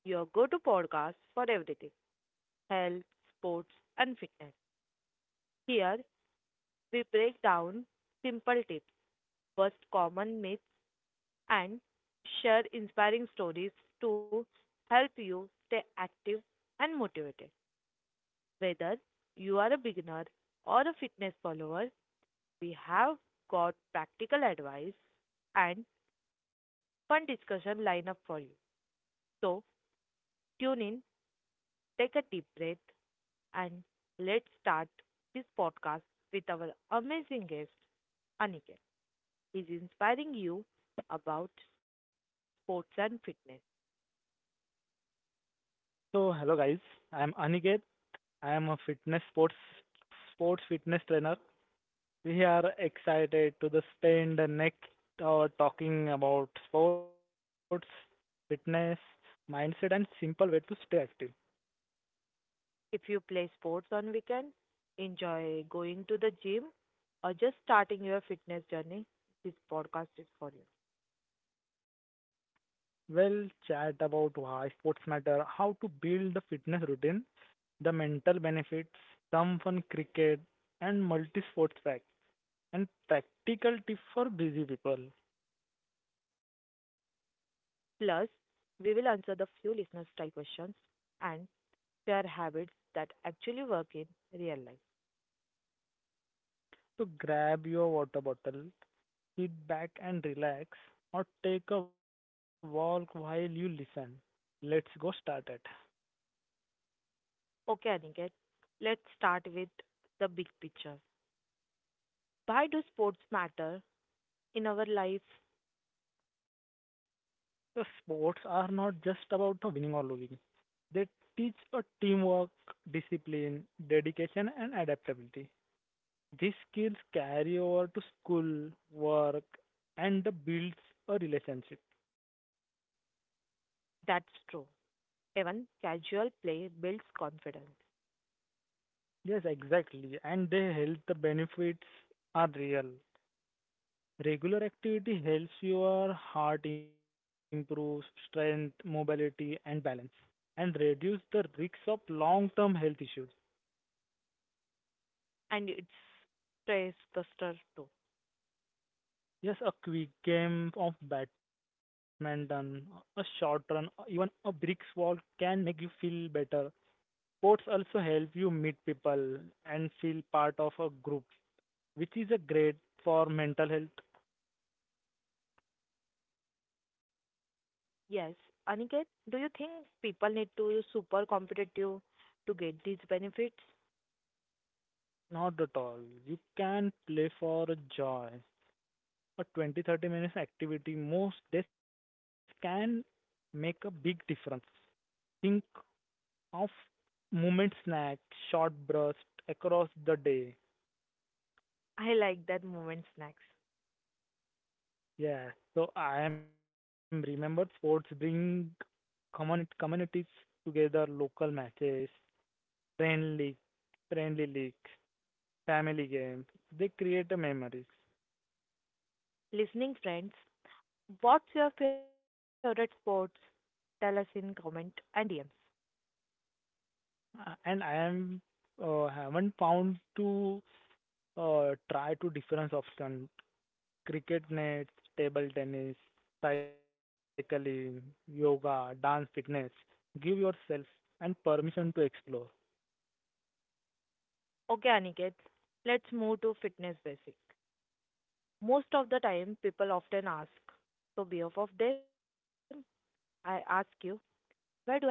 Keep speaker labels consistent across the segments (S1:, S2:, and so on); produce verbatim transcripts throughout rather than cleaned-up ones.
S1: your go to podcast for everything health, sports, and fitness. Here, we break down simple tips, bust common myths, and share inspiring stories to help you stay active and motivated. Whether you are a beginner or a fitness follower, we have got practical advice and fun discussion lined up for you. So, tune in, take a deep breath, and let's start this podcast with our amazing guest, Aniket. He's inspiring you about sports and fitness.
S2: So hello guys, I am Aniket. I am a fitness sports sports fitness trainer. We are excited to the spend the next hour talking about sports, fitness, mindset and simple way to stay active.
S1: If you play sports on weekend, enjoy going to the gym, or just starting your fitness journey, this podcast is for you.
S2: We'll chat about why sports matter, how to build a fitness routine, the mental benefits, some fun cricket and multi-sports pack, and practical tips for busy people.
S1: Plus, we will answer the few listener style questions and share habits that actually work in real life.
S2: So grab your water bottle, sit back and relax or take a walk while you listen. Let's go started.
S1: Okay, Aniket, let's start with the big picture. Why do sports matter in our life?
S2: The sports are not just about the winning or losing. They teach a teamwork, discipline, dedication and adaptability. These skills carry over to school, work and the builds a relationship.
S1: That's true. Even casual play builds confidence
S2: Yes, exactly. And the health benefits are real. Regular activity helps your heart improve strength, mobility, and balance, and reduce the risks of long-term health issues.
S1: and it's stress buster too.
S2: Yes, a quick game of badminton, a short run, even a bricks wall can make you feel better. Sports also help you meet people and feel part of a group, which is a great for mental health.
S1: Yes, Aniket, do you think people need to super competitive to get these benefits?
S2: Not at all. You can play for joy. A twenty thirty minutes activity most days can make a big difference. Think of moment snack, short burst across the day.
S1: I like that moment snacks.
S2: Yeah, so I am remember sports bring common communities together, local matches, friendly friendly leagues, family games. They create a memories.
S1: Listening friends, what's your favorite sports? Tell us in comment and D Ms.
S2: Uh, and I am uh, haven't found to uh, try to difference option: cricket nets, table tennis, cycling, yoga, dance, fitness. Give yourself and permission to explore.
S1: Okay, Aniket, let's move to fitness basics. Most of the time, people often ask. So, behalf of them, I ask you, where do I start?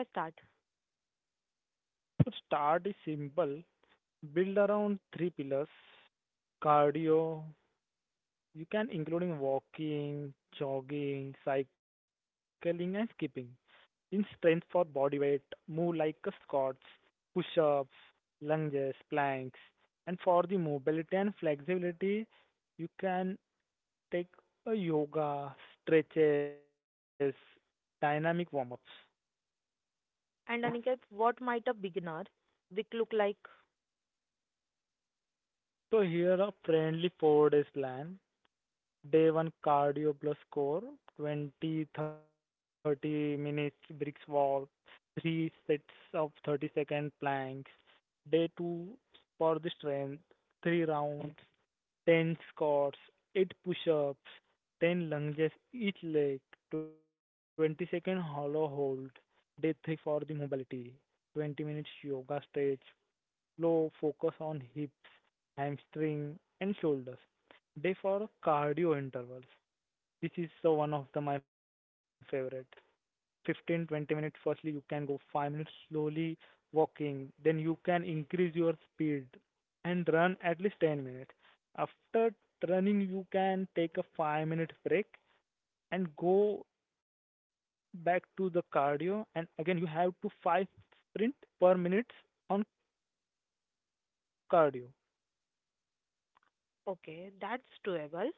S2: So start is simple. Build around three pillars. Cardio. You can including walking, jogging, cycling and skipping. In strength for body weight, move like a squats, push-ups, lunges, planks. And for the mobility and flexibility, you can take a yoga, stretches, dynamic warm ups.
S1: And Aniket, what might a beginner week look like?
S2: So here a friendly four days plan. Day one cardio plus core, twenty to thirty minutes bricks wall, three sets of thirty second planks. Day two for the strength, three rounds, ten squats, eight push-ups, ten lunges each leg, twenty second hollow hold, day three for the mobility, twenty minutes yoga stretch, slow focus on hips, hamstring and shoulders. Day for cardio intervals. This is the one of the my favorite. Fifteen twenty minutes, firstly you can go five minutes slowly walking, then you can increase your speed and run at least ten minutes. After running you can take a five minute break and go back to the cardio, and again you have to five sprint per minute on cardio.
S1: Okay, that's doable.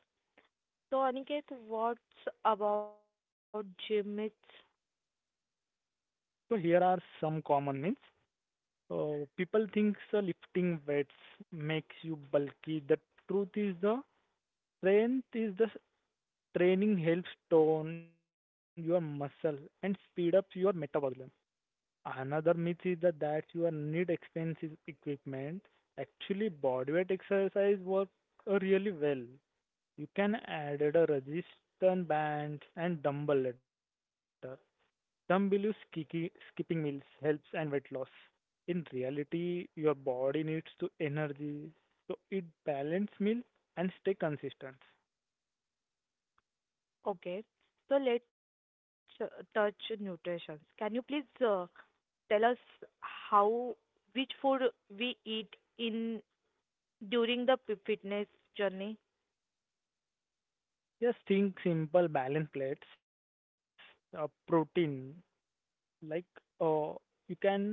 S1: So, Aniket, what's about gym myths?
S2: So here are some common myths. Uh, people think so lifting weights makes you bulky. The truth is the strength is the training helps tone your muscle and speed up your metabolism. Another myth is that, that you are need expensive equipment. Actually, bodyweight exercise work uh, really well. You can add a resistance band and dumbbell ladder. Some believe skiki- skipping meals helps and weight loss. In reality, your body needs to energy, so it balance meal and stay consistent.
S1: Okay, so let's uh, touch nutrition. Can you please uh, tell us how which food we eat in during the p- fitness journey?
S2: Just think simple balanced plates, uh, protein, like uh, you can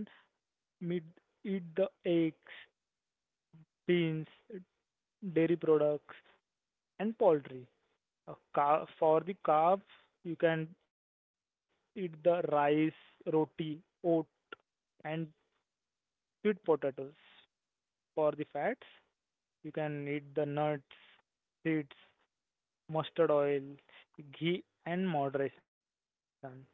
S2: meet, eat the eggs, beans, dairy products, and poultry. Uh, car- for the carbs, you can eat the rice, roti, oat, and sweet potatoes. For the fats, you can eat the nuts, seeds, mustard oil, ghee, and moderation.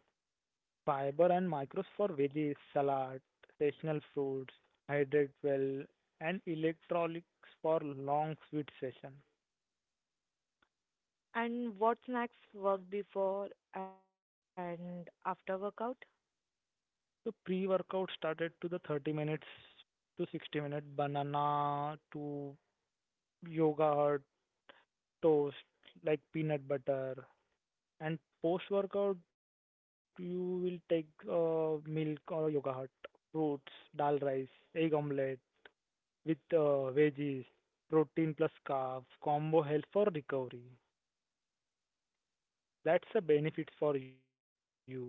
S2: Fiber and micros for veggies, salad, seasonal fruits, hydrate well, and electrolytes for long sweet session.
S1: And what snacks work before and after workout?
S2: So pre-workout started to the thirty minutes to sixty minute banana to yogurt, toast, like peanut butter. And post-workout you will take uh, milk or yogurt, fruits, dal rice, egg omelette with uh, veggies, protein plus carbs, combo health for recovery. That's a benefit for you.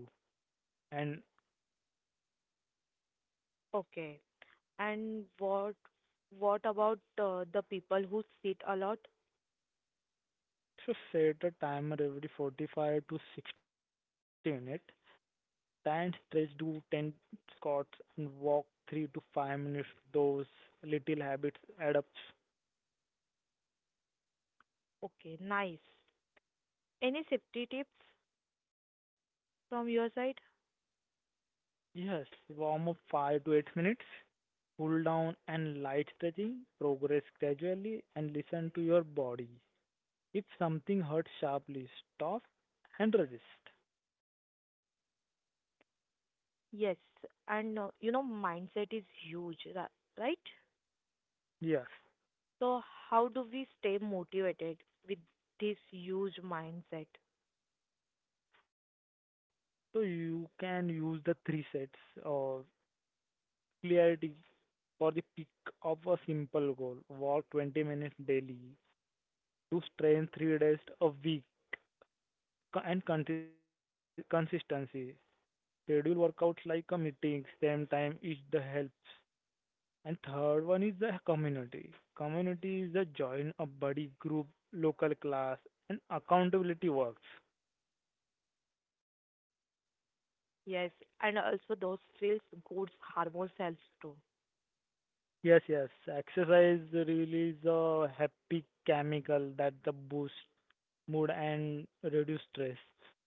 S2: And
S1: Okay. And what what about uh, the people who sit a lot?
S2: if you set a timer every forty-five to sixty minutes, stand stretch, do ten squats, and walk three to five minutes. Those little habits add up.
S1: Okay, nice. Any safety tips from your side?
S2: Yes, warm up five to eight minutes, cool down and light stretching, progress gradually, and listen to your body. If something hurts sharply, stop and resist.
S1: Yes. And uh, you know mindset is huge, ra- right?
S2: Yes.
S1: So how do we stay motivated with this huge mindset?
S2: So you can use the three sets of clarity for the peak of a simple goal. Walk twenty minutes daily. Do strength three days a week. Co- And conti- consistency. Schedule workouts like a meeting, same time each the helps. And third one is the community. Community is the join a buddy group, local class, and accountability works.
S1: Yes, and also those feels good hormones helps too.
S2: Yes, yes. Exercise release a happy chemical that the boost mood and reduce stress.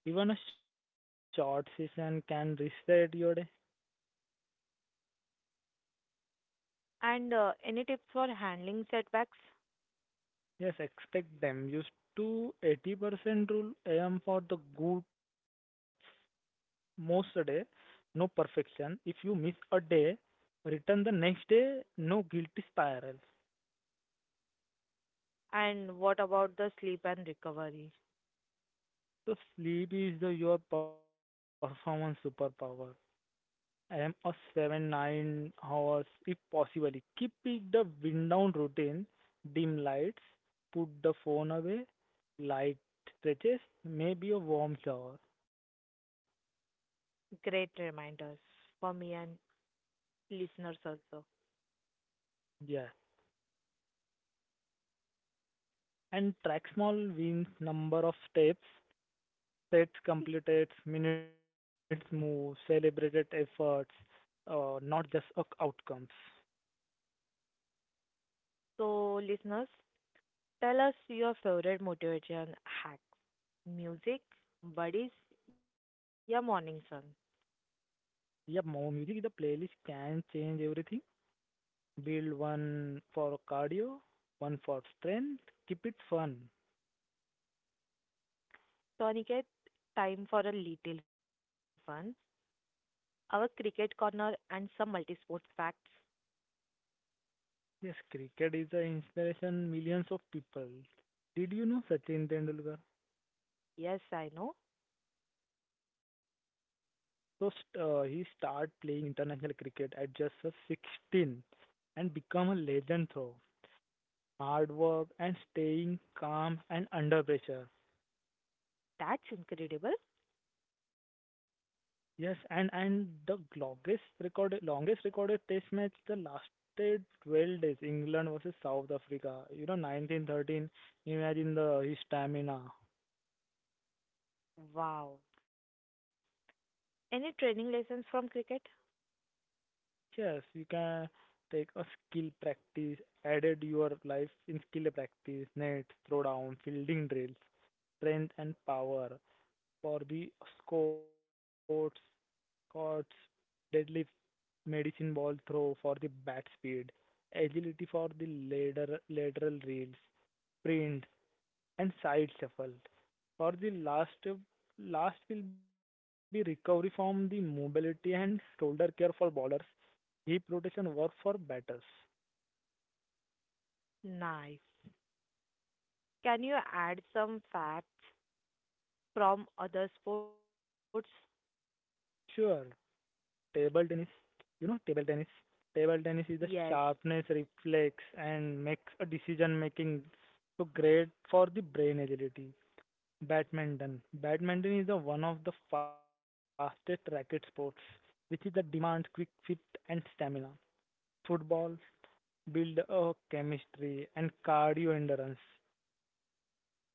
S2: Even a short session can reset your day.
S1: And uh, any tips for handling setbacks?
S2: Yes, expect them. Use to eighty percent rule aim for the good most a day. No perfection. If you miss a day, return the next day. No guilty spiral.
S1: And what about the sleep and recovery?
S2: So sleep is the, your performance superpower. I am a seven nine hours if possible. Keep it the wind down routine, dim lights, put the phone away, light stretches, maybe a warm shower.
S1: Great reminders for me and listeners also.
S2: Yeah. And track small wins, number of steps, sets completed, minutes moved, celebrated efforts, uh, not just uh, outcomes.
S1: So, listeners, tell us your favorite motivation hack music, buddies, your morning sun.
S2: Yep, more music is the playlist can change everything. Build one for cardio, one for strength. Keep it fun.
S1: So, Aniket, time for a little fun. Our cricket corner and some multi sports facts.
S2: Yes, cricket is an inspiration millions of people. Did you know Sachin Tendulkar?
S1: Yes, I know.
S2: So st- uh, he started playing international cricket at just a sixteen and become a legend through hard work and staying calm and under pressure.
S1: That's incredible.
S2: Yes, and and the longest recorded longest recorded test match the lasted twelve days. England versus South Africa. You know, nineteen thirteen. Imagine the his stamina.
S1: Wow. Any training lessons from cricket?
S2: Yes, you can take a skill practice, added your life in skill practice, net, throw down, fielding drills, strength and power for the squats, squats, deadlifts, medicine ball throw for the bat speed, agility for the later lateral reels, sprint, and side shuffle. For the last, last will be recovery from the mobility and shoulder care for bowlers, hip rotation work for batters.
S1: Nice. Can you add some facts from other sports?
S2: Sure, table tennis, you know table tennis. Table tennis is the
S1: Yes.
S2: sharpness, reflex, and makes a decision making, so great for the brain agility. Badminton. Badminton is the one of the fastest racket sports, which is that demands quick fit and stamina. Football build a chemistry and cardio endurance,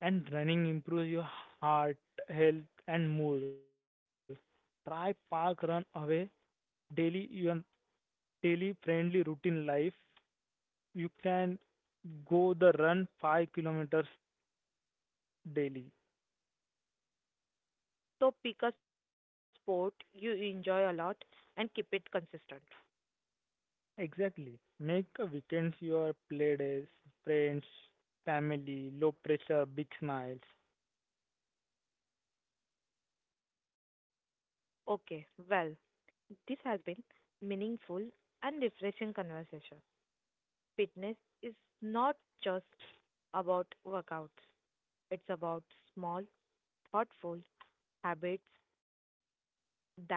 S2: and running improves your heart health and mood. Try park run away daily your daily friendly routine life. You can go the run five kilometers daily.
S1: So pick a sport you enjoy a lot and keep it consistent.
S2: Exactly. Make a weekends your play days, friends, family, low pressure, big smiles.
S1: Okay, well, this has been meaningful and refreshing conversation. Fitness is not just about workouts. It's about small, thoughtful habits that add up.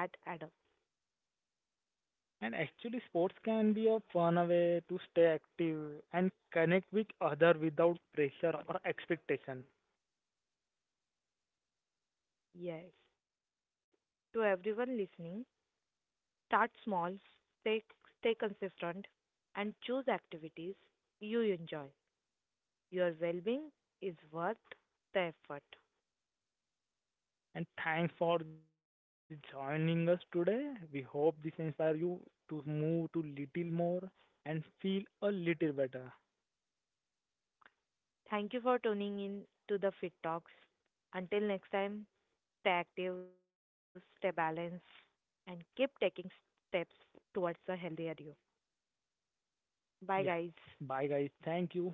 S2: And actually, sports can be a fun way to stay active and connect with other without pressure or expectation.
S1: Yes. To everyone listening, start small, stay, stay consistent, and choose activities you enjoy. Your well being is worth the effort.
S2: And thanks for joining us today. We hope this inspire you to move to little more and feel a little better.
S1: Thank you for tuning in to the Fit Talks. Until next time, stay active, stay balanced, and keep taking steps towards a healthier you. Bye,
S2: Yeah.
S1: guys.
S2: Bye guys. Thank you.